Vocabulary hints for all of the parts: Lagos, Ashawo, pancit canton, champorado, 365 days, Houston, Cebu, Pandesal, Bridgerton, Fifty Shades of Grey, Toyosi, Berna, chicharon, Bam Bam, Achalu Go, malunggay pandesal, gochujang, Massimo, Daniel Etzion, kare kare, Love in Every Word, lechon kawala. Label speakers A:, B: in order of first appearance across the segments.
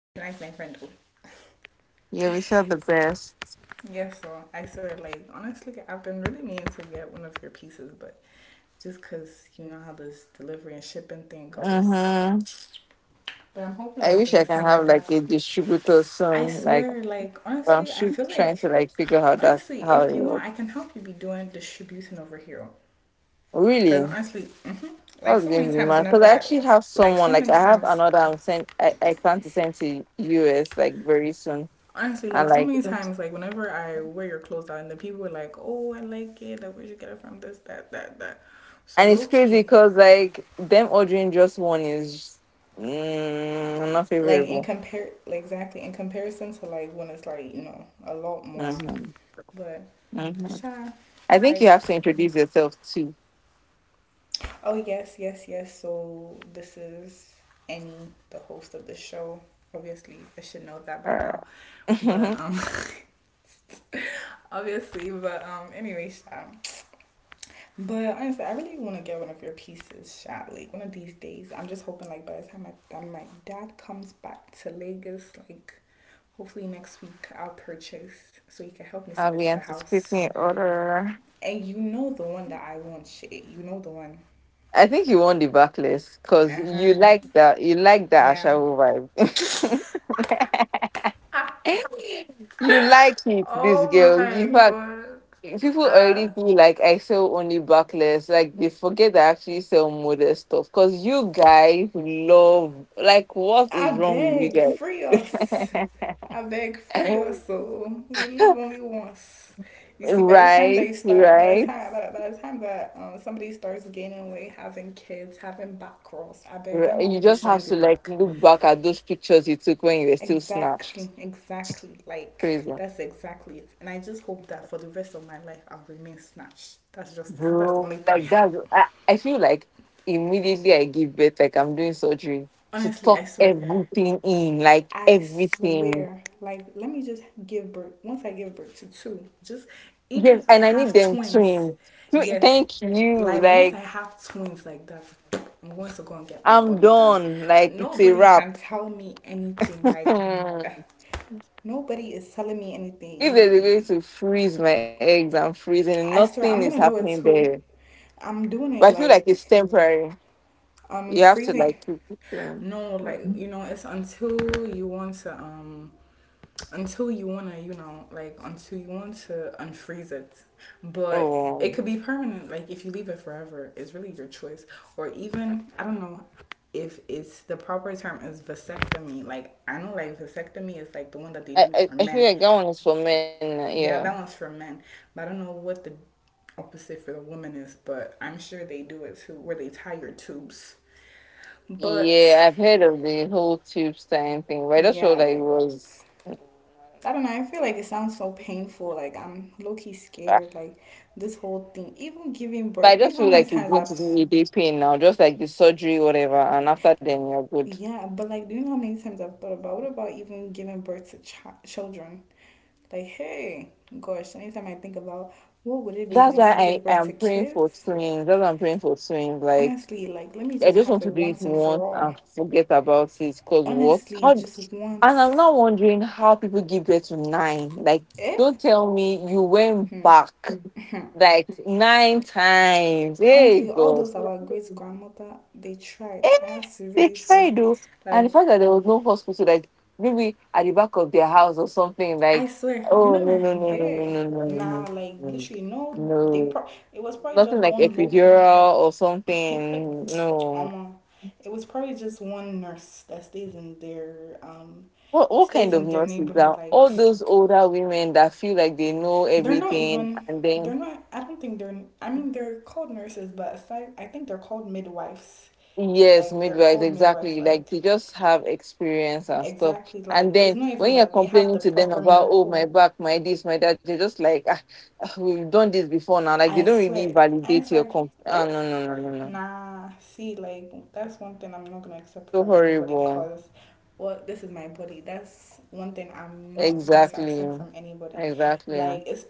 A: patronize my friend.
B: Yeah, we sell the best.
A: Yes, yeah, so I swear, like, honestly, I've been really meaning to get one of your pieces, but just because you know how this delivery and shipping thing goes.
B: Mm-hmm.
A: But I'm hoping,
B: I
A: like, the
B: wish I
A: next
B: can
A: time my
B: have like
A: dad,
B: a distributor
A: I
B: soon. Like,
A: swear, like,
B: but I'm
A: honestly, I
B: sure
A: feel
B: trying to
A: like,
B: like figure how that
A: honestly,
B: how
A: if
B: it
A: you want,
B: works.
A: I can help you be doing distributing over here. Because
B: Really,
A: honestly, like,
B: that's
A: so
B: going
A: many
B: to be
A: times,
B: mad. Cause
A: whenever
B: I
A: I,
B: actually have
A: like,
B: someone
A: so
B: like
A: many
B: I have
A: times.
B: another I'm sent. I plan to send to US like very soon.
A: Honestly,
B: And
A: like so
B: like,
A: many
B: and
A: times, like whenever I wear your clothes out, and the people are like, "Oh, I like it. Like, where'd you get it from? This, that, that, that." So
B: it's
A: low
B: crazy
A: key,
B: because like them ordering just one is not
A: like in
B: favorable.
A: compare, like exactly in comparison to like when it's like a lot more.
B: Mm-hmm.
A: But
B: Mm-hmm.
A: sure,
B: I think you
A: like
B: have to introduce yourself too.
A: oh yes, yes, yes. So this is Annie, the host of the show. Obviously, I should know that by now.
B: Uh,
A: But obviously, but anyway, sure. But honestly, I really want to get one of your pieces shot. Like one of these days, I'm just hoping like by the time I, my dad comes back to Lagos, like hopefully next week I'll purchase so he can help me send
B: I'll
A: it
B: be
A: to the house.
B: anticipating order.
A: And you know the one that I want, shit. You know the one.
B: I think you won the backlist because
A: Uh huh.
B: you like that. You like that
A: Yeah.
B: Ashawo vibe. You like it, this
A: Oh
B: girl.
A: my
B: In fact,
A: god.
B: people
A: Ah.
B: already feel like I sell only backless. Like they forget that I actually sell model stuff because you guys love. Like, what
A: I
B: is wrong with you
A: beg,
B: guys?
A: free us. I beg, free us. So we live only once. You see, by the time that
B: Right,
A: you start, by the
B: right.
A: time, by the time that somebody starts gaining weight, having kids, having back rolls, I beg, when
B: Right.
A: will
B: You
A: we be
B: just have
A: showing the
B: to like
A: back?
B: look back at those pictures you took when you were still
A: Exactly,
B: snatched.
A: exactly. Like
B: Crazy.
A: that's exactly it. And I just hope that for the rest of my life, I'll remain snatched. That's just that's the
B: Bro,
A: only
B: like
A: prayer.
B: that. I feel like immediately I give birth, like I'm doing surgery to
A: Honestly,
B: tuck
A: I swear.
B: everything in, like
A: I
B: everything.
A: swear, like, let me just give birth. Once I give birth to two, just even
B: Yes,
A: if I
B: and I need
A: have
B: them
A: twins,
B: twins.
A: yes,
B: Thank you.
A: like once
B: Like
A: I have twins like that, I'm going to go and get my
B: I'm
A: body done.
B: done. Like it's a
A: Nobody can
B: wrap.
A: tell me anything. Like,
B: If
A: uh, nobody is telling me anything.
B: there's a way
A: You,
B: to freeze my eggs, I'm freezing.
A: I
B: Nothing
A: swear,
B: is
A: I'm gonna do
B: happening
A: it
B: there.
A: too. I'm doing
B: But I
A: it
B: feel like it's
A: like
B: temporary. You have to
A: Freezing.
B: like keep it clean.
A: No, like it's until you want to until you wanna, like until you want to unfreeze it, but
B: Yeah.
A: it could be permanent. Like if you leave it forever, it's really your choice. Or even I don't know if it's the proper term is vasectomy. Like I know like vasectomy is like the one that they
B: I,
A: do
B: I,
A: for
B: I feel
A: men.
B: like that one is for men. Yeah.
A: Yeah, that one's for men. But I don't know what the opposite for the woman is, but I'm sure they do it too, where they tie your tubes. But
B: Yeah, I've heard of the whole tube sign thing, but I just
A: yeah,
B: feel like it
A: like
B: was.
A: I don't know. I feel like it sounds so painful. Like I'm low key
B: Ah.
A: scared. Like this whole thing, even giving
B: But
A: birth.
B: I
A: Do you
B: just
A: know how
B: feel
A: many
B: like it's
A: times
B: going to
A: I've
B: be a day pain now, just like the surgery, whatever, and after then you're good.
A: yeah, but like, do you know how many times I've thought about what about even giving birth to children? Like, hey, gosh, anytime I think about what would it be
B: That's why
A: like to
B: I
A: give birth
B: am
A: to
B: praying for
A: kids,
B: twins. That's why I'm praying for twins. Like.
A: honestly, like, let me
B: I
A: just
B: just
A: have
B: want
A: it
B: to do it
A: once and
B: once
A: for all.
B: and forget about it. Cause what?
A: Honestly,
B: How? And
A: just
B: I'm
A: once.
B: now wondering how people give birth to nine. Like, don't
A: It.
B: tell me you went
A: Hmm.
B: back
A: Hmm.
B: like nine times. Hey
A: Honestly, all
B: God,
A: those our great grandmother, they tried.
B: hey,
A: I have to
B: they
A: really say,
B: tried though, and the
A: like,
B: fact that there was no hospital, like maybe at the back of their house or something.
A: I
B: Like,
A: swear, you
B: oh
A: know
B: no,
A: my
B: no, no, no, no,
A: hair
B: no, no, no,
A: now,
B: no,
A: like
B: no,
A: literally, no, they
B: no.
A: it was probably
B: Nothing
A: just
B: like
A: one low.
B: epidural or something. No.
A: um, it was probably just one nurse that
B: What kind
A: stays
B: of
A: in their
B: nonsense
A: neighborhood.
B: that all
A: Like,
B: those older women that feel like they know
A: they're not
B: everything
A: even.
B: and
A: They're
B: then
A: not. I don't think they're. I mean, they're called nurses, but aside, I think they're called midwives.
B: yes,
A: Like, they're
B: midwives
A: called midwives.
B: exactly like
A: Like
B: they just have experience and stuff.
A: exactly.
B: And
A: Like it's
B: then
A: not even
B: when you're
A: that they have
B: complaining
A: the
B: to them
A: proper
B: about oh my
A: medical.
B: back, my this, my that, you're just like ah, ah, we've done this before now. Like they
A: I
B: don't really
A: swear. And
B: validate
A: it's
B: your
A: like,
B: comp.
A: eh?
B: Ah, no, no, no, no, no,
A: Nah. See, like that's one thing I'm not gonna accept
B: so
A: from anybody.
B: horrible.
A: Cause, well, this is my body. That's one thing I'm not going to
B: Exactly,
A: accept from anybody. Like
B: exactly.
A: it's.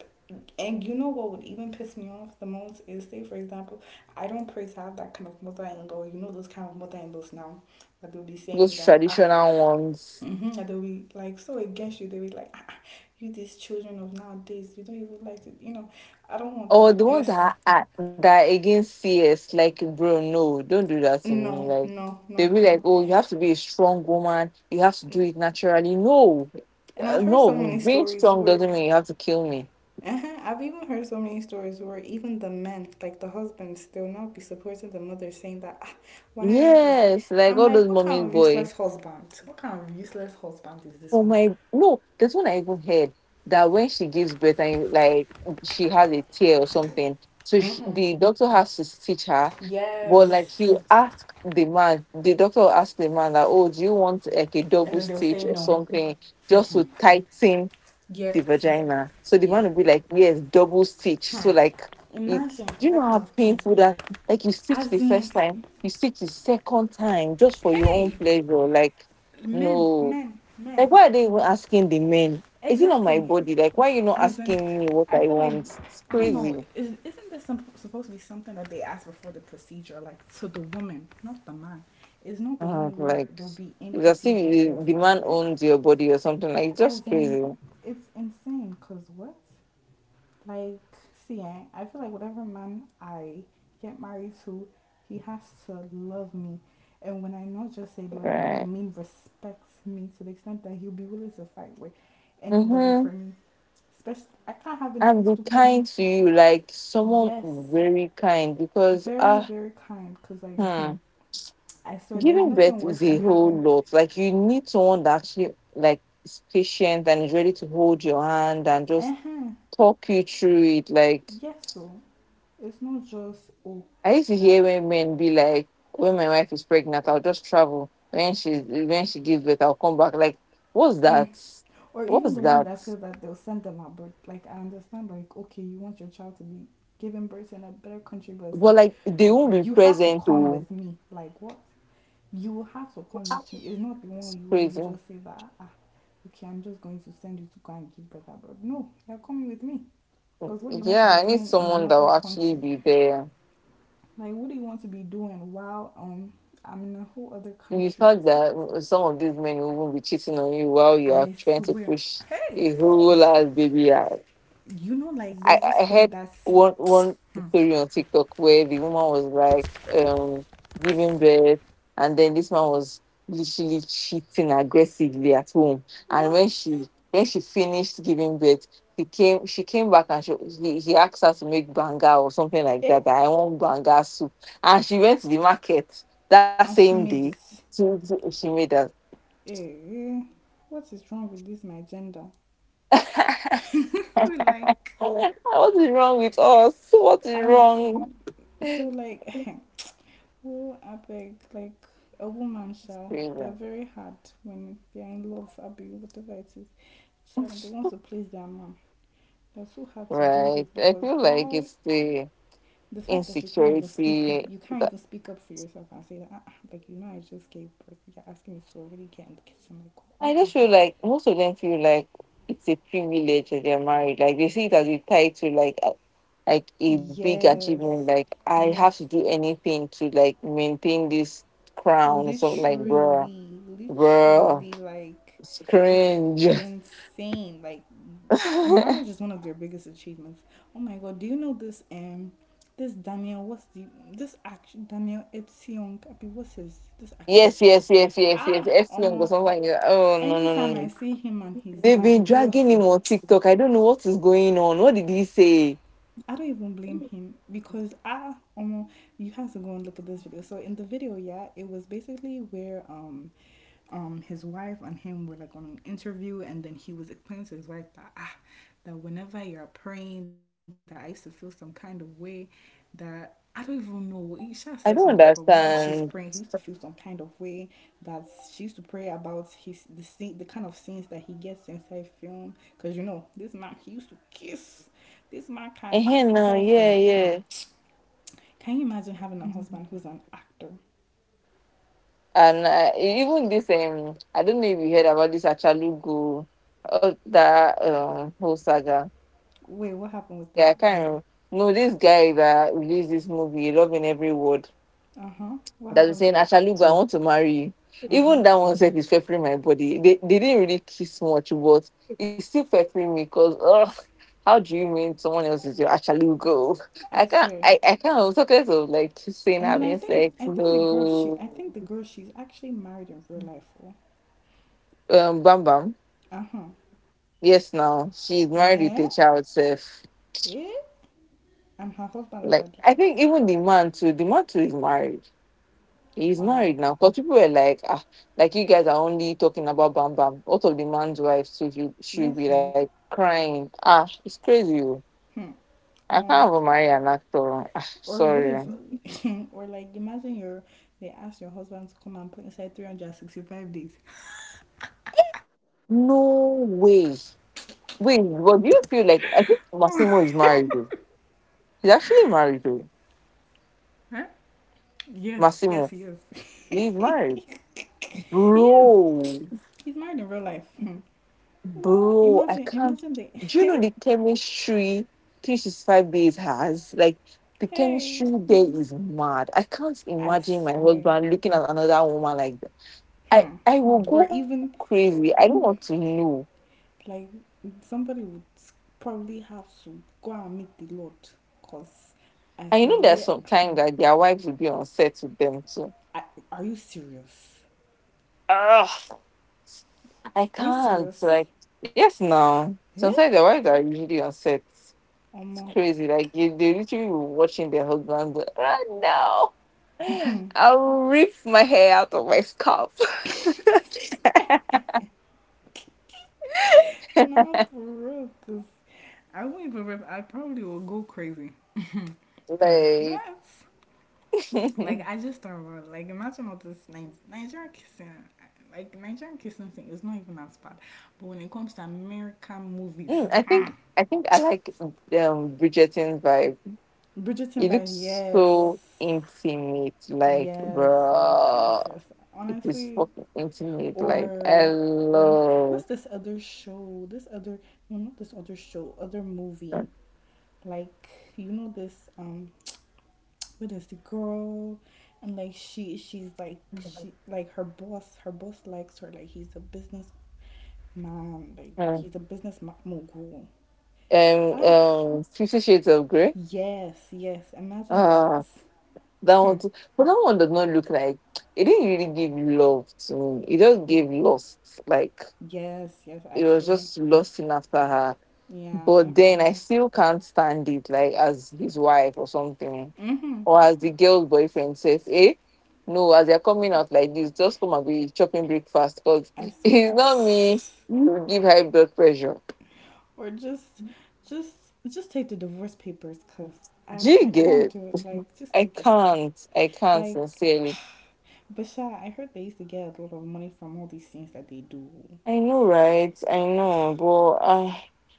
A: And you know what would even piss me off the most is say for example, I don't pray to have that kind of mother in law. You know those kind of mother in laws now that they'll be saying
B: Those
A: that ah
B: traditional ones.
A: mm-hmm. And they'll be like so against you. They'll be like, ah, ah, you these children of nowadays, you don't even like to, I don't want
B: Or
A: that.
B: the
A: And
B: ones
A: it's
B: that are against CS, like bro, no, don't do that to me.
A: no,
B: Like
A: no,
B: they
A: no,
B: be like,
A: no.
B: oh, you have to be a strong woman. You have to do it naturally. No,
A: And
B: uh,
A: I've heard
B: no,
A: so many
B: being
A: stories
B: strong
A: where,
B: doesn't mean you have to kill me.
A: uh-huh, I've even heard so many stories where even the men, like the husbands, they'll not be supporting the mother, saying that, "Ah, why is it?"
B: Yes, like
A: I'm
B: all
A: like,
B: those
A: what
B: mommy's
A: kind of
B: boy.
A: useless husband? What kind of useless husband is this
B: Oh
A: one?
B: my no, there's one I even heard that when she gives birth and like she has a tear or something, so she,
A: Mm-hmm.
B: the doctor has to stitch her. But like
A: Yes.
B: you ask the man, the doctor will ask the man that, oh, do you want like a
A: And
B: double
A: then they'll
B: stitch
A: say
B: or
A: no.
B: something just to tighten the
A: Yes.
B: vagina? So the
A: Yeah.
B: man will be like, yes, double stitch. So
A: Hmm.
B: like, it,
A: Imagine
B: do you know
A: that kind
B: how
A: of pain.
B: painful that? Like you stitch
A: As
B: the
A: in,
B: first time, you stitch the second time just for your own
A: hey,
B: pleasure. Like,
A: men,
B: no.
A: men, men.
B: Like, why are they even asking the men? Is it not my
A: Exactly.
B: body? Like, why are you not
A: As in,
B: asking me what
A: I
B: I
A: feel like
B: want? It's
A: I don't know.
B: crazy.
A: Is isn't this some, supposed to be something that they ask before the procedure, like to the woman, not the man? It's not the
B: And I was
A: one where
B: like,
A: they'll be in
B: it's as if
A: procedure. They'll
B: the
A: be
B: the
A: like,
B: man
A: eh.
B: owns your body or something. Like, it's
A: As
B: just
A: in,
B: crazy.
A: it's insane. Cause what? Like, see, eh, I feel like whatever man I get married to, he has to love me. And when I not just say love me, I
B: Right.
A: mean respect me to the extent that he'll be willing to fight with anybody
B: Mm-hmm.
A: for me. Especially, I can't have any
B: And be
A: stupid
B: kind to you, like someone
A: yes.
B: very kind, because
A: Very,
B: ah,
A: very kind. Because, like, hmm,
B: hmm,
A: I swear there's
B: giving
A: nothing
B: birth
A: worse
B: is
A: than
B: a whole
A: having,
B: lot. Like you need someone that actually like is patient and is ready to hold your hand and
A: uh
B: just
A: huh,
B: talk you through it. Like
A: yes, so. It's not just, oh,
B: I used to
A: that,
B: hear when men be like, when my wife is pregnant, I'll just travel. When she gives birth, I'll come back. Like, what's
A: mm,
B: that?
A: or even
B: What's
A: the one
B: that?
A: that said that they'll send them at birth. Like I understand, like okay, you want your child to be given birth in a better country, but it's
B: But
A: like
B: like they won't be
A: you have to
B: present
A: come
B: to
A: with me. Like what? You will have to come with me. It's not the
B: it's
A: one where you
B: crazy.
A: just say that ah, okay, I'm just going to send you to go and give birth abroad. No, you're coming with me. Because what do you want to
B: Yeah,
A: be
B: I need
A: doing in
B: someone that
A: another
B: will actually
A: country?
B: be there.
A: Like what do you want to be doing while I'm in a whole other
B: You
A: country?
B: thought that some of these men will even be cheating on you while you are
A: I
B: trying to
A: swear.
B: push
A: Hey,
B: a whole ass baby out.
A: like
B: I,
A: there's this
B: I
A: thing
B: heard
A: that's
B: one story on TikTok where the woman was like giving birth, and then this man was literally cheating aggressively at home. And
A: what
B: when she finished giving birth, he came she came back and she he asked her to make banga or something like
A: eh?
B: that. That I want banga soup, and she went to the market that
A: And
B: same
A: she
B: day.
A: made it.
B: She made that.
A: Eh, what is wrong with this, my gender? like,
B: What is wrong with us? What is
A: as
B: wrong?
A: in, so like, oh, I beg, like, a woman,
B: It's
A: sha,
B: crazy.
A: they're very hard when they're in love, abi, whatever it is. Sha, when they want to please their man, they're so hard to deal
B: Right.
A: with
B: I
A: because
B: feel like
A: why?
B: it's the
A: The fact that you can't even speak,
B: insecurity
A: you can't
B: that
A: even speak up for yourself and say that, ah, ah, like, I just gave birth. You're asking me to already get in the kitchen. Like, why
B: I just
A: can't you
B: feel like most of them feel like it's a privilege that they're married. Like they see it as a title, like a big achievement.
A: yes,
B: Like I have to
A: yes,
B: do anything to like maintain this crown or something like bruh.
A: literally,
B: Bruh.
A: literally, like
B: It's
A: it's
B: cringe.
A: insane. Like
B: Yes,
A: marriage is one of their biggest achievements. Oh my god, do you know this? This Daniel, what's the this act Daniel Etzion? Abi, what's his this
B: yes,
A: actress?
B: yes, yes, yes.
A: Ah,
B: F young or something like that. Oh, no, no, no,
A: anytime I
B: no.
A: see him and his
B: They've
A: wife
B: been dragging him
A: Toyosi.
B: on TikTok. I don't know what is going on. What did he say?
A: I don't even blame him because ah, you have to go and look at this video. So in the video, yeah, it was basically where his wife and him were like on an interview and then he was explaining to his wife that ah that whenever you're praying that I used to feel some kind of way that I don't even know. Isha said something
B: I
A: about
B: don't
A: whenever she's praying, he used
B: understand.
A: to feel some kind of way that she used to pray about his the scene, the kind of scenes that he gets inside film. Cause you know this man, he used to kiss. This man can
B: Eh,
A: kiss
B: no,
A: inside
B: yeah,
A: film. Hmm.
B: yeah.
A: Can you imagine having a husband who's an actor?
B: And even this I don't know if you heard about this Achalu Go, oh, that whole saga.
A: Wait, what happened with
B: Yeah,
A: it?
B: I can't remember. No, this guy that released this movie, Love in Every Word,
A: Uh huh. What
B: that was
A: happened
B: saying,
A: to it?
B: Ashalugu, I want to marry you.
A: Uh huh.
B: Even that one said is feffering my body. They didn't really kiss much, but it's still feffering me because oh, how do you mean someone else is your Ashalugu? I
A: I
B: can't
A: swear.
B: I, I can't I'm talking of like kissing,
A: And then I
B: having
A: think
B: sex,
A: I think the girl she
B: no.
A: I think the girl she's actually married in real life. Oh.
B: Um, Bam Bam.
A: Uh huh.
B: Yes now. She's married with
A: Yeah.
B: a child self.
A: Yeah. And her husband let
B: Like
A: her do
B: I
A: that.
B: think even the man too is married. He's
A: Wow.
B: married now. Because people were like, ah, like you guys are only talking about Bam Bam. What of the man's wife should you should
A: Yes.
B: be
A: No.
B: like crying? Ah, it's crazy. Oh.
A: Hmm.
B: I
A: Um.
B: can't even marry an actor. Ah,
A: Or what if?
B: sorry.
A: or like imagine your they ask your husband to come and play inside 365 days.
B: No way. Wait, what do you feel like? I think Massimo is married though. He's actually married though.
A: Huh? Yes. Yes.
B: Massimo.
A: Yes.
B: He's married.
A: he is. He's
B: Bro.
A: married in real life. Hmm. Well, imagine
B: Bro, I
A: imagine the.
B: can't. Do you know the chemistry 365 days has? Like, the
A: Hey.
B: chemistry there is mad. I can't
A: I
B: imagine my
A: swear.
B: husband looking at another woman like that. I,
A: Hmm.
B: I will
A: Or
B: go
A: even
B: crazy. I don't want to know.
A: like somebody would probably have to go and meet the Lord because I
B: And you know,
A: said,
B: there's
A: wait,
B: some time that their wives will be on set with them too.
A: are you serious?
B: Ugh, I
A: Are you
B: can't.
A: serious?
B: Like, yes, now.
A: Yeah?
B: Sometimes their wives are usually on set. It's
A: Omo.
B: crazy. Like you, they literally were watching their husband right now. I'll rip my hair out of my scalp.
A: No, for real. Cause I won't even rip. I probably will go crazy. Cause
B: Like,
A: what? Like I just thought about. Know. Like imagine all this Nigerian kissing. Like Nigerian kissing thing is not even as bad. But when it comes to American movies,
B: mm, I think I like Bridgerton's vibe.
A: Bridgerton
B: It
A: Vine,
B: looks
A: yes.
B: so intimate. Like,
A: Yes, yes, yes,
B: bro,
A: yes.
B: it is
A: Honestly,
B: fucking intimate. Like, I
A: or or
B: love.
A: what's this other show? This other no, not this other show, other movie. Like you know this what is the girl? And like she she's like she like her boss likes her, like he's a businessman, like
B: Mm.
A: he's a mogul. Ah,
B: 50 Shades of Grey.
A: yes, yes. Imagine that.
B: Ah. That one,
A: Hmm.
B: too. But that one does not look like it didn't really give love to me. It just gave lust. Like
A: Yes, yes.
B: it was
A: Actually,
B: just lusting after her.
A: yeah.
B: But then I
A: Actually.
B: still can't stand it. Like as his wife or something,
A: Mm-hmm.
B: or as the girl's boyfriend says, "Eh, no, as they're coming out like this, just come and be chopping breakfast because
A: I
B: it's not
A: swear.
B: me. You give high blood pressure.
A: Or just take the divorce papers, cause I,
B: Do you
A: I can't
B: get?
A: do it. Like, just
B: I
A: take it.
B: can't. I can't
A: Like,
B: sincerely.
A: Basha, I heard they used to get a lot of money from all these things that they do.
B: I know, right? I
A: Ugh,
B: know, but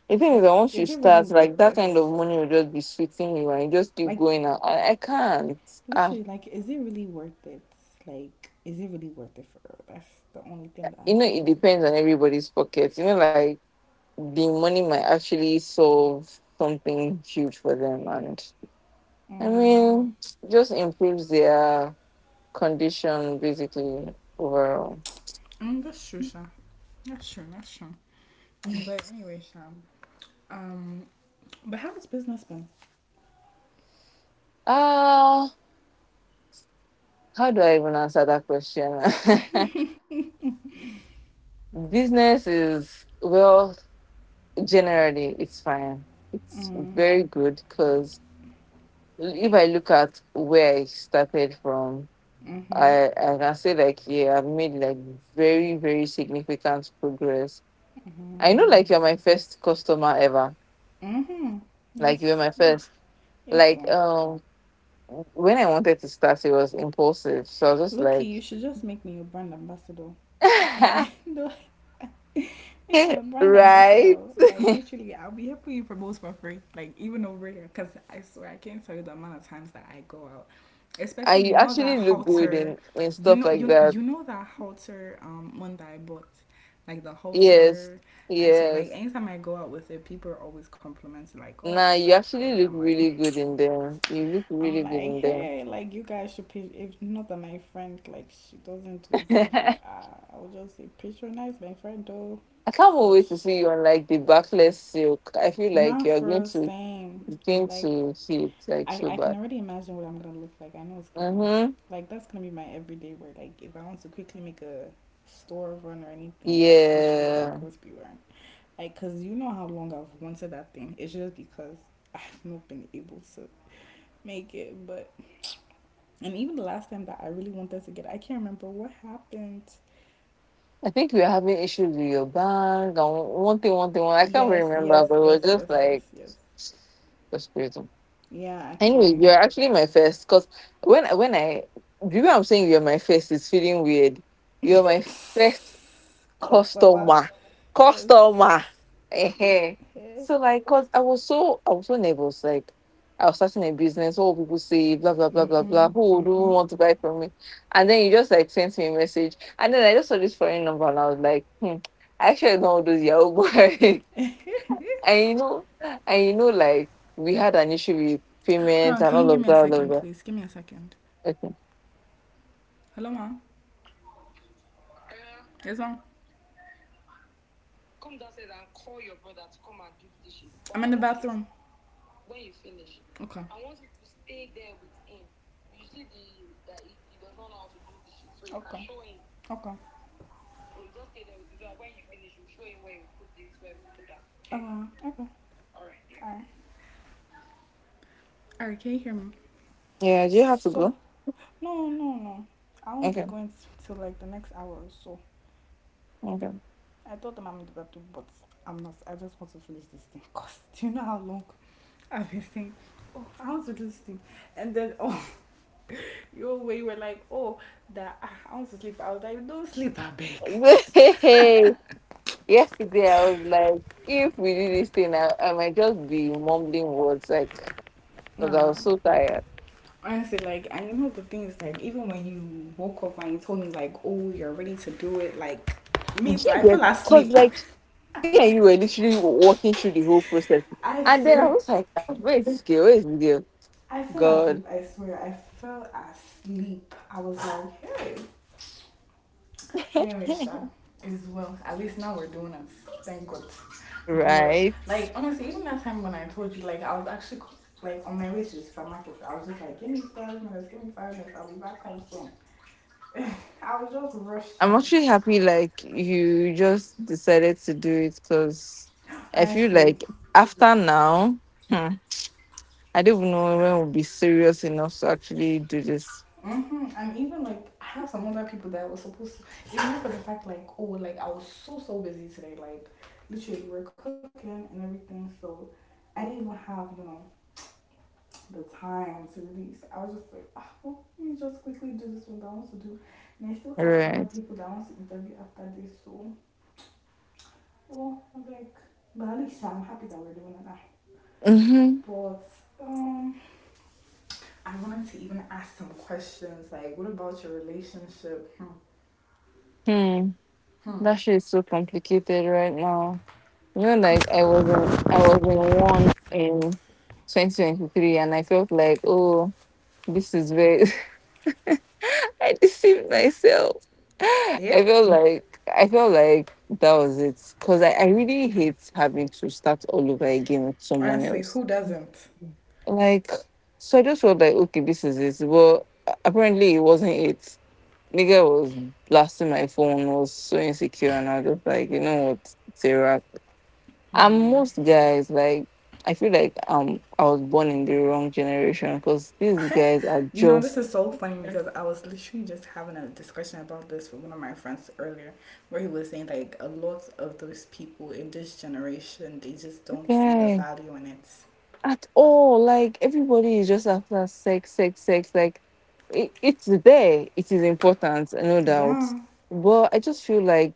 B: the thing is
A: like,
B: that once you
A: is it really
B: start, like
A: worth
B: that kind of
A: this?
B: money will just be sweating you, and you just keep
A: Like,
B: going. And I can't. Ah,
A: literally, like, is it really worth it? Like, is it really worth it for her? That's the only thing that
B: you
A: I'm
B: know, it
A: thinking today.
B: depends on everybody's pocket. You know, like the money might actually solve something huge for them, and I
A: Mm,
B: mean, it just improves their condition basically overall.
A: that's true, Sha. That's true, that's true. But anyway, Sha. Um, but how has business been?
B: Ah, how do I even answer that question? Business is well generally, it's fine. It's
A: Mm.
B: very good because if I look at where I started from, I can say like yeah, I've made like very, very significant progress. I know like you're my first customer ever.
A: Mm-hmm.
B: Like you were
A: Yes.
B: my first.
A: Yes,
B: Like
A: sir.
B: when I wanted to start it was impulsive. So I was just
A: Loki,
B: like
A: you should just make me your brand ambassador. I can be no, make me a brand
B: right.
A: ambassador. Like literally, I'll be helping you promote for free. Like even over here, because I swear I can't tell you the amount of times that I go out. Especially
B: And
A: you
B: you
A: know that
B: actually look good
A: halter,
B: in
A: you
B: stuff
A: know
B: like
A: you
B: that.
A: you know that halter, one that I bought, like the
B: Yes.
A: halter. I swear, like
B: Yes.
A: anytime I go out with it, people are always complimenting like, "Oh,
B: Nah,
A: I
B: you
A: like
B: actually
A: this."
B: look
A: I'm like,
B: really good in them. You look
A: I'm
B: really good
A: like,
B: in them.
A: hey, like you guys should pitch. If not that my friend, like she doesn't do fashion, I would just say patronize my friend though.
B: I can't
A: But
B: wait to see you on like the backless silk. I feel like
A: not for real, same.
B: you're going
A: Like
B: to see it like
A: I,
B: so
A: I can
B: bad.
A: already imagine what I'm gonna look like. I know it's gonna be
B: Mm-hmm.
A: like that's gonna be my everyday wear. Like if I want to quickly make a store run or anything, that's literally what I'm
B: Yeah.
A: going to be wearing. Like, cause you know how long I've wanted that thing. It's just because I've not been able to make it. But, and even the last time that I really wanted to get it, I can't remember what happened.
B: I think we are having issues with your bank and one thing, one thing, one. I can't really
A: Yes,
B: remember,
A: yes,
B: but it was
A: yes,
B: just
A: yes,
B: like
A: yes, yes.
B: frustrating.
A: Yeah,
B: Anyway,
A: actually.
B: you're actually my first because when I do you know what I'm saying, you're my first, it's feeling weird. You're my first
A: Customer.
B: customer
A: Yes.
B: customer
A: With
B: Ehen.
A: hair.
B: So like cause i was so nervous, like I was starting a business, what will people say, blah blah blah blah blah,
A: Mm-hmm.
B: who do
A: Mm-hmm.
B: want to buy from me? And then you just like sent me a message and then I just saw this foreign number and I was like hmm, I actually don't want those yahoo boy, and you know and you know like we had an issue with
A: Hold
B: payment
A: on,
B: and
A: can you
B: all
A: give
B: of
A: me
B: that
A: a
B: all of
A: second,
B: that
A: please? Give me a second.
B: Okay.
A: Hello, mom. Yes, mom. I'm in the bathroom. Okay. Okay. Okay. Okay. Alright. All right, can you hear me?
B: Yeah, do you have to
A: So,
B: go?
A: no, no, no. I won't be
B: Okay.
A: going till like the next hour or so.
B: Okay.
A: I told them I'm in the bathroom, but I'm not. I just want to finish this thing. Cause do you know how long I've been saying, oh, I want to do this thing, and then oh, your way were like, oh, that I want to sleep. I was like, don't sleep, I beg.
B: Yesterday, I was like, if we do this thing, I might just be mumbling words, like, because I
A: Nah,
B: was so tired.
A: honestly, like, and you know the thing is like, even when you woke up and you told me like, oh, you're ready to do it, like, me,
B: Did
A: so
B: you
A: I
B: get?
A: fell
B: Because,
A: asleep.
B: like, me and you were literally walking through the whole process.
A: I
B: And then I
A: swear,
B: was like, ah, where is this girl? Where is this girl?
A: I fell
B: God,
A: asleep. I swear, I fell asleep. I was like, hey. Anyway, Sha, it's well. At least now we're doing it. Thank God. But
B: right?
A: like honestly, even that time when I told you, like I was actually like on my way to the supermarket, I was just like, give me 5 minutes, give me 5 minutes, I'll be back home soon. I was just
B: I'm
A: rushing.
B: actually happy, like, you just decided to do it because I feel
A: Honestly,
B: like after now, hmm, I don't even know when we'll be serious enough to actually do this.
A: mm-hmm. And even like I have some other people that I was supposed to, even for the fact like, oh, like I was so busy today, like literally we're cooking and everything, so I didn't even have the time to release. I was just like, oh, well, let me just quickly do this one that I want to do, and I still have other
B: Right.
A: people that I want to interview after this, so well I'm like, but at least I'm happy that we're doing it now.
B: Mm-hmm.
A: But um I wanted to even ask some questions, like what about your relationship? Hmm.
B: hmm. That shit is so complicated right now. You know, like I was
A: Come,
B: in I was in one in 2023 and I felt like, oh, this is very, I deceived myself. I
A: yeah.
B: felt like that was it. Cause I really hate having to start all over again with someone
A: Honestly,
B: else.
A: who doesn't?
B: Like, so I just felt like, okay, this is it. But apparently it wasn't it. Nigga was blasting my phone, was so insecure and I was just like, you know what, Sarah. And
A: Hmm.
B: most guys, like, I feel like I was born in the wrong generation because these guys are
A: You know, this
B: just
A: is so funny because I was literally just having a discussion about this with one of my friends earlier, where he was saying like a lot of those people in this generation, they just don't see the
B: guy
A: value in it.
B: at all. Like everybody is just after sex, sex, sex. Like it's there. It is important, no doubt.
A: Yeah.
B: But I just feel like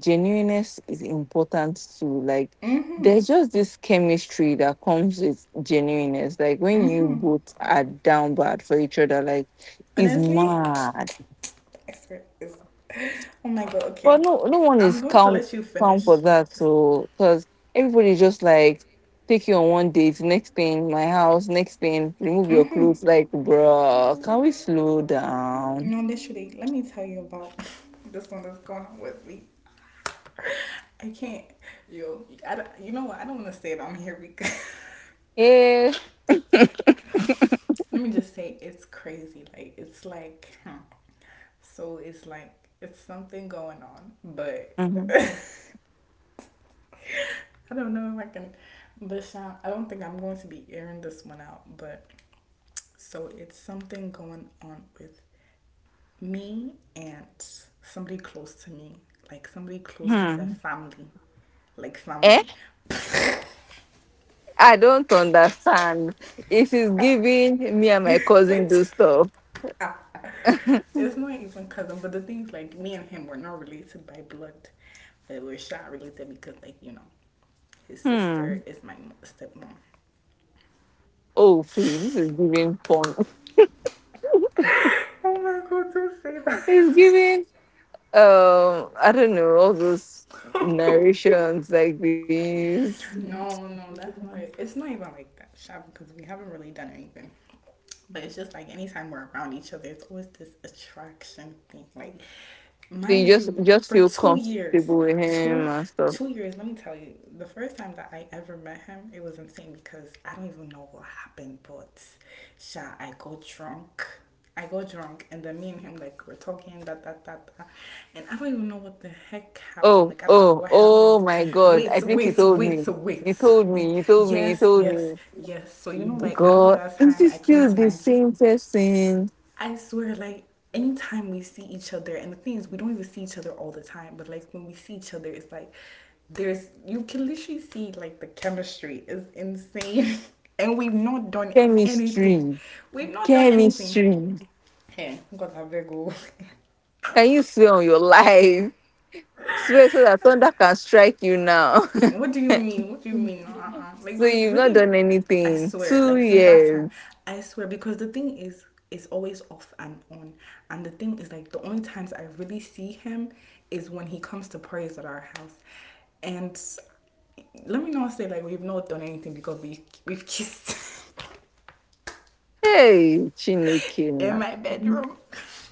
B: genuineness is important too. Like
A: Mm-hmm.
B: there's just this chemistry that comes with genuineness. Like when you
A: Mm-hmm.
B: both are down bad for each other, like it's
A: Honestly,
B: mad.
A: I swear it's oh my god,
B: Well,
A: okay.
B: no one
A: I'm
B: is
A: going to
B: calm
A: let you
B: calm for
A: finish.
B: that. So, because everybody just like take you on one date, next thing my house, next thing remove your
A: Mm-hmm.
B: clothes. Like, bruh, can we slow down?
A: No, literally, let me tell you about this one that's going on with me. I can't. Yo, I don't, you know what? I don't want to say it. I'm here because
B: Eh,
A: let me just say it's crazy. Like it's like, huh. So it's like, it's something going on, but
B: mhm,
A: I don't know if I can. But Sean, I don't think I'm going to be airing this one out. But so it's something going on with me and somebody close to me, like somebody close as a
B: hmm,
A: family, like
B: eh,
A: family.
B: I don't understand. It is giving me and my cousin
A: Wait.
B: do stuff.
A: It's not even cousin, but the thing's like me and him were not related by blood, but we're shot related because like you know, his sister
B: Hmm.
A: is my stepmom.
B: Oh, please, this is giving porn.
A: Oh my god, don't say that.
B: it's giving. I don't know all those narrations like these.
A: No, no, that's not it. It's not even like that, shot, because we haven't really done anything. But it's just like anytime we're around each other, it's always this attraction thing. Like,
B: So you
A: mind
B: just
A: you,
B: just
A: for
B: feel
A: two
B: comfortable
A: years,
B: with him and
A: two
B: stuff.
A: two years. Let me tell you, the first time that I ever met him, it was insane because I don't even know what happened. But, sha, I got drunk, and then me and him, like, we're talking da da da da, and I don't even know what the heck happened.
B: Oh,
A: Like I don't know
B: oh,
A: what
B: oh
A: happened.
B: my God.
A: Wait,
B: I
A: so,
B: think you
A: wait, so,
B: told
A: wait,
B: me.
A: so, wait.
B: You told me, you told me, you
A: Yes,
B: told
A: yes,
B: me.
A: yes. So you know like after
B: God,
A: that
B: is
A: time
B: is
A: I came
B: still
A: to
B: the
A: Nigeria.
B: same person.
A: I swear, like anytime we see each other, and the thing is we don't even see each other all the time, but like when we see each other, it's like there's, you can literally see like the chemistry is insane. And we've not done
B: Chemistry.
A: anything. We've not done anything.
B: Chemistry.
A: Hey, got a big
B: Can you swear on your life? Swear so that thunder can strike you now.
A: what do you mean? What do you mean? Uh-uh. Like
B: so
A: we
B: you've not
A: really,
B: done
A: I
B: anything.
A: swear.
B: Two
A: Like since that time,
B: years.
A: I swear, because the thing is, it's always off and on. And the thing is, like the only times I really see him is when he comes to parties at our house, and let me not say like we've not done anything because we've kissed
B: Hey, Chineke.
A: in my bedroom.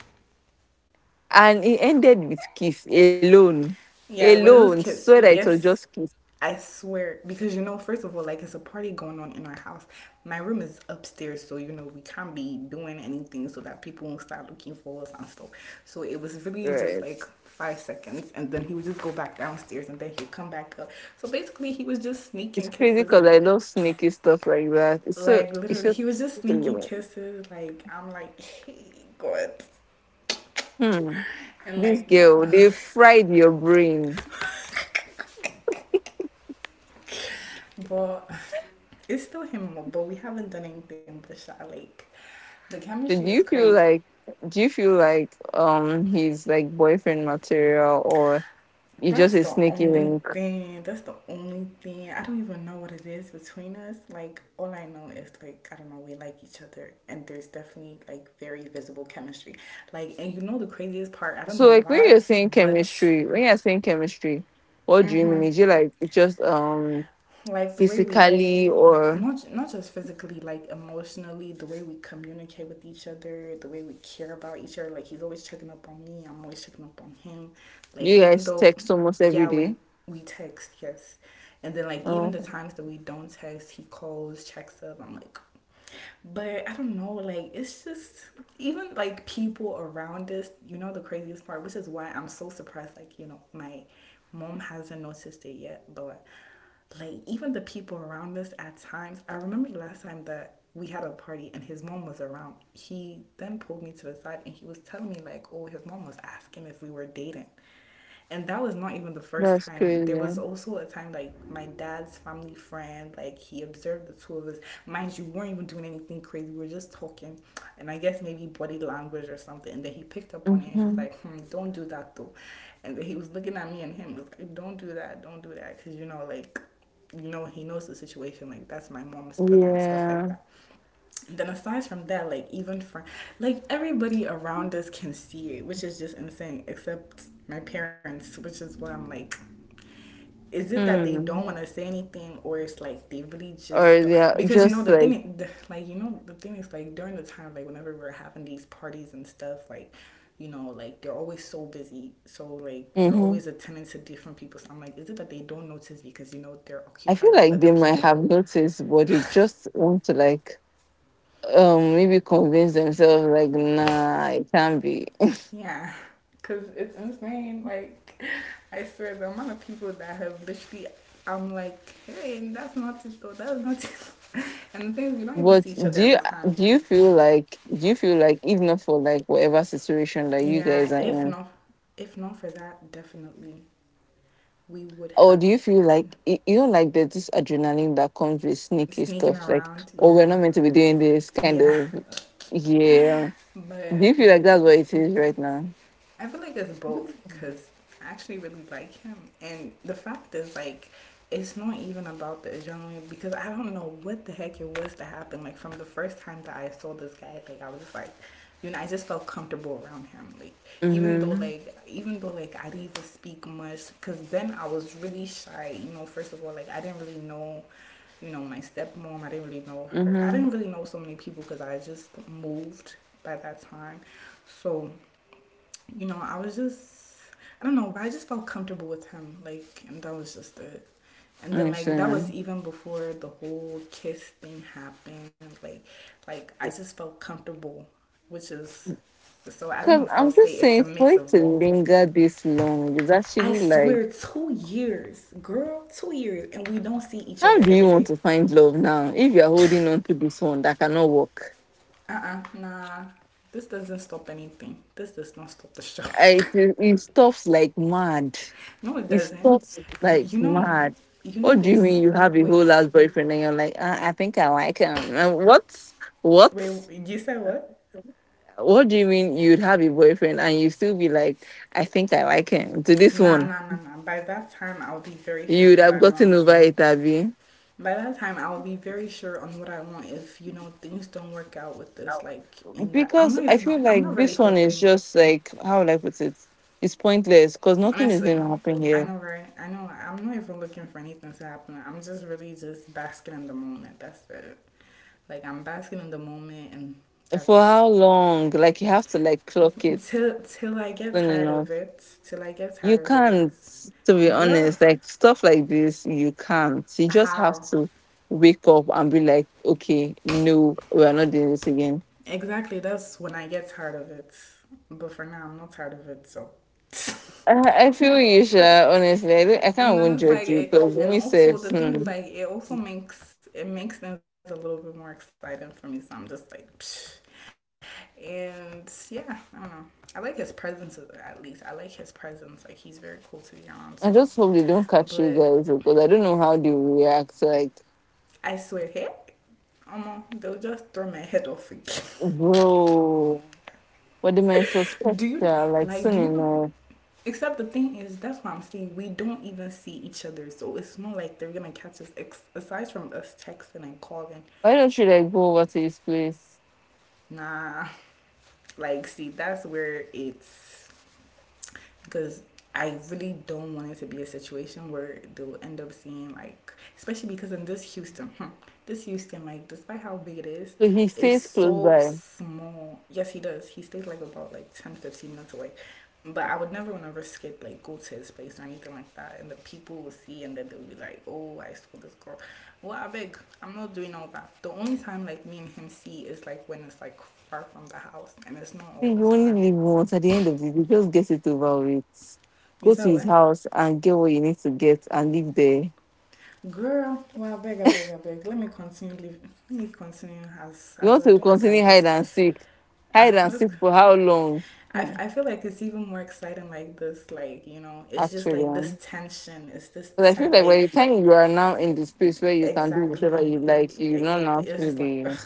B: And it ended with kiss alone.
A: Yeah, it was a loose
B: Alone.
A: kiss.
B: So that it was
A: Yes,
B: just kiss.
A: I swear. Because you know, first of all, like it's a party going on in our house. My room is upstairs, so you know we can't be doing anything so that people won't start looking for us and stuff. So it was really just
B: Right.
A: like 5 seconds, and then he would just go back downstairs, and then he'd come back up. So basically, he was just
B: It's
A: sneaking
B: crazy
A: kisses,
B: because
A: and
B: I love sneaky stuff like that. It's so
A: like
B: it's
A: literally, he
B: just
A: was just
B: really
A: sneaking
B: well.
A: kisses. Like I'm like, hey, God,
B: Hmm.
A: and
B: This
A: like
B: girl,
A: nah,
B: they fried your brain.
A: but. It's still him, but we haven't done anything but shot. Like, the chemistry
B: So do
A: is
B: you feel
A: crazy.
B: like do you feel like he's like boyfriend material or you just
A: That's
B: a
A: the
B: sneaky
A: only
B: link?
A: thing. That's the only thing. I don't even know what it is between us. Like all I know is like I don't know. We like each other, and there's definitely like very visible chemistry. Like, and you know the craziest part. I don't
B: So
A: know
B: like when
A: why,
B: you're saying
A: but
B: chemistry, when you're saying chemistry, what do you
A: hmm
B: mean? Is it like just
A: like the way we,
B: physically or
A: not just physically, like emotionally, the way we communicate with each other, the way we care about each other. Like he's always checking up on me. I'm always checking up on him. Like
B: you
A: even
B: guys
A: though,
B: text almost every
A: yeah, we
B: day?
A: we text, yes. And then like even
B: Oh,
A: the times that we don't text, he calls, checks up. I'm like, but I don't know. Like it's just, even like people around us. You know the craziest part, which is why I'm so surprised. Like you know my mom hasn't noticed it yet, but like even the people around us at times. I remember the last time that we had a party and his mom was around. He then pulled me to the side and he was telling me like, oh, his mom was asking if we were dating. And that was not even the first
B: that's
A: time. There was
B: crazy.
A: also a time like my dad's family friend, like he observed the two of us. Mind you, we weren't even doing anything crazy. We were just talking, and I guess maybe body language or something. And then he picked up on it, and he's
B: Mm-hmm.
A: like, "Hmm, don't do that though." And then he was looking at me and him. He was like, don't do that," because he knows the situation. Like that's my mom's brother and stuff like
B: Yeah.
A: that. Then aside from that, like even from, like, everybody around us can see it, which is just insane, except my parents, which is why I'm like, is it that they don't
B: Hmm.
A: want to say anything, or it's like they really just
B: Or
A: don't?
B: they're
A: Because
B: just like,
A: the thing is, like, during the time, like whenever we're having these parties and stuff, like like they're always so busy, so like they're
B: hmm,
A: always attending to different people. So I'm like, is it that they don't notice because they're
B: I feel
A: occupied with
B: like
A: other
B: they might have
A: people?
B: noticed, but they just want to like, maybe convince themselves like, nah, it can't be.
A: Yeah, because it's insane. Like, I swear, the amount of people that have literally, I'm like, hey, that's not it though, that's not it. And the thing is, we don't even
B: But
A: see each other every time.
B: do you feel like do you feel like if not for like whatever situation that you
A: Yeah,
B: guys are in,
A: if not for that, definitely we would
B: or
A: have,
B: do you feel like you know, like there's this adrenaline that comes with sneaky
A: sneaking
B: stuff, like,
A: around.
B: oh, we're not
A: Yeah,
B: meant to be doing this kind
A: yeah.
B: of, yeah. Do you
A: But
B: feel like that's what it is right now?
A: I feel like it's both, because I actually really like him, and the fact is like, it's not even about the adrenaline, because I don't know what the heck it was to happen. Like from the first time that I saw this guy, like I was just like, I just felt comfortable around him. Like even though
B: Mm-hmm.
A: like even though like I didn't even speak much, because then I was really shy. You know, first of all, like I didn't really know, my stepmom. I didn't really know her. I
B: Mm-hmm.
A: didn't really know so many people because I just moved by that time. So, I was just, I don't know, but I just felt comfortable with him. Like, and that was just it. And then like that was
B: Understand.
A: even before the whole kiss thing happened. Like I just felt comfortable, which is, so I don't know
B: Because
A: if I'll
B: I'm
A: say
B: just
A: it's a
B: saying, for
A: mix
B: it
A: of
B: to
A: both.
B: linger this long is
A: I
B: actually like,
A: swear, 2 years, girl, 2 years, and we don't see each
B: how
A: other
B: do you
A: every
B: want
A: day.
B: to find love now if you're holding on to this one that cannot work?
A: Uh-uh, nah. This doesn't stop anything. This does not stop the show.
B: It stops like mad.
A: No, it
B: It's
A: doesn't.
B: not
A: You
B: like
A: know,
B: mad.
A: you know.
B: What do you
A: There's,
B: mean you have a whole
A: with,
B: ass boyfriend and you're like, I think I like him? And what? What?
A: wait. You said what?
B: What do you mean you'd have a boyfriend and you still be like, I think I like him? To this
A: Nah,
B: one,
A: nah, nah, nah. By that time, I'll be very sure
B: you'd
A: on what
B: have
A: I
B: gotten
A: want.
B: over it, Abby.
A: By that time, I'll be very sure on what I want. If you know things don't work out with this, like in that, I'm
B: Because
A: not
B: I
A: even,
B: feel
A: I'm not
B: like
A: really
B: this one is
A: hoping.
B: just like, how would I put it? It's pointless because nothing is
A: Honestly,
B: going to happen
A: I
B: here.
A: know, right? I know. I'm not even looking for anything to happen. I'm just really just basking in the moment. That's it. Like I'm basking in the moment, and
B: For
A: that's,
B: how long? Like, you have to like clock it
A: till I get
B: soon
A: tired
B: enough.
A: of it. Till I get
B: You
A: tired of it.
B: can't,
A: It's,
B: to be
A: girl,
B: honest. Like stuff like this, you can't. You just have
A: how
B: to wake up and be like, okay, no, we are not doing this again.
A: exactly? That's when I get tired of it. But for now, I'm not tired of it. So.
B: I feel you, sure. Honestly, I can't
A: And then
B: even
A: it's like
B: judge you
A: it,
B: because
A: and also
B: myself,
A: the thing is
B: hmm,
A: like it also makes things a little bit more exciting for me, so I'm just like, psh. And yeah, I don't know, I like his presence. At least I like his presence. Like he's very cool to be around, so,
B: I just hope they don't
A: but
B: catch you guys because I don't know how they will react. Like,
A: I swear, heck, they'll just throw my head off again.
B: bro, what they might suspect
A: Do you,
B: yeah, like
A: like,
B: soon
A: do you know?
B: enough.
A: Except the thing is, that's what I'm saying. We don't even see each other, so it's not like they're gonna catch us. Aside from us texting and calling,
B: Why don't you like go over to his place?
A: nah. Like, see, that's where it's, because I really don't want it to be a situation where they'll end up seeing, like, especially because in this Houston, hmm, this Houston, like, despite how big it
B: So he
A: is
B: stays close
A: so
B: by.
A: small. Yes, he does. He stays like about like 10, 15 minutes away. But I would never want to risk it, like go to his place or anything like that. And the people will see, and then they'll be like, "Oh, I saw this girl." Well, I beg, I'm not doing all that. The only time like me and him see is like when it's like far from the house, and it's not
B: See,
A: all the
B: you only
A: time.
B: live once. At the end of the day, just get it over with.
A: You
B: Go
A: said
B: to his
A: what?
B: house and get what you need to get and live there.
A: Girl, well, beg, I beg, I beg. Let me continue. Let me continue as
B: You
A: as
B: want
A: we're
B: to
A: doing it
B: continue
A: like this.
B: hide and seek? Hide
A: Ah,
B: and
A: let's.
B: seek for how long? Mm.
A: I feel like it's even more exciting like this. Like you know, it's just
B: Actually,
A: like this tension. It's this
B: but I feel
A: ten,
B: like
A: like,
B: by the time you are now in the space where you can do whatever you like,
A: exactly,
B: you don't
A: exactly.
B: have
A: It was
B: to
A: just like,
B: be.
A: ugh,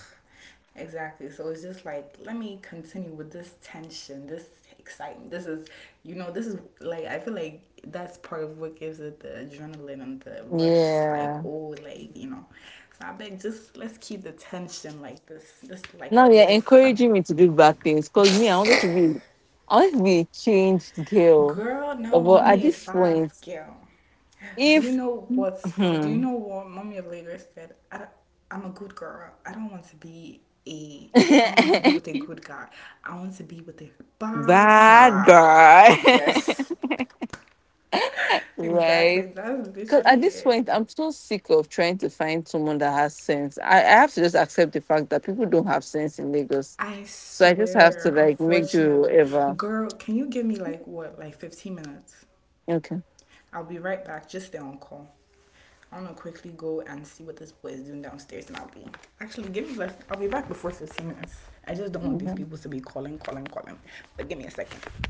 A: exactly. So it's just like, let me continue with this tension, this excitement. This is, you know, this is like, I feel like that's part of what gives it the adrenaline and the rush. Like,
B: Yeah.
A: oh, like, you know. So I beg, just let's keep the tension like this. This like
B: Now
A: a
B: you're
A: little friend.
B: encouraging me to do bad things because me, I wanted to be a changed girl.
A: Girl,
B: But,
A: no,
B: at
A: be a
B: this
A: bad
B: point,
A: girl. Do you
B: if
A: know what's? Do you know what Mommy of Lagos said? I, I'm a good girl. I don't want to be a, I don't want to be with a good guy. I want to be with a bad
B: Bad
A: guy.
B: guy.
A: Yes, exactly.
B: right.
A: That's
B: Because at
A: literally
B: this point,
A: it.
B: I'm so sick of trying to find someone that has sense. I have to just accept the fact that people don't have sense in Lagos.
A: I
B: So I just have to
A: swear.
B: like make do with
A: Unfortunately,
B: whatever.
A: girl, can you give me like what, like 15 minutes?
B: Okay.
A: I'll be right back. Just stay on call. I'm gonna quickly go and see what this boy is doing downstairs, and I'll be, actually give me less. I'll be back before 15 minutes. I just don't want these
B: Mm-hmm.
A: people to be calling, calling, calling. But give me a second.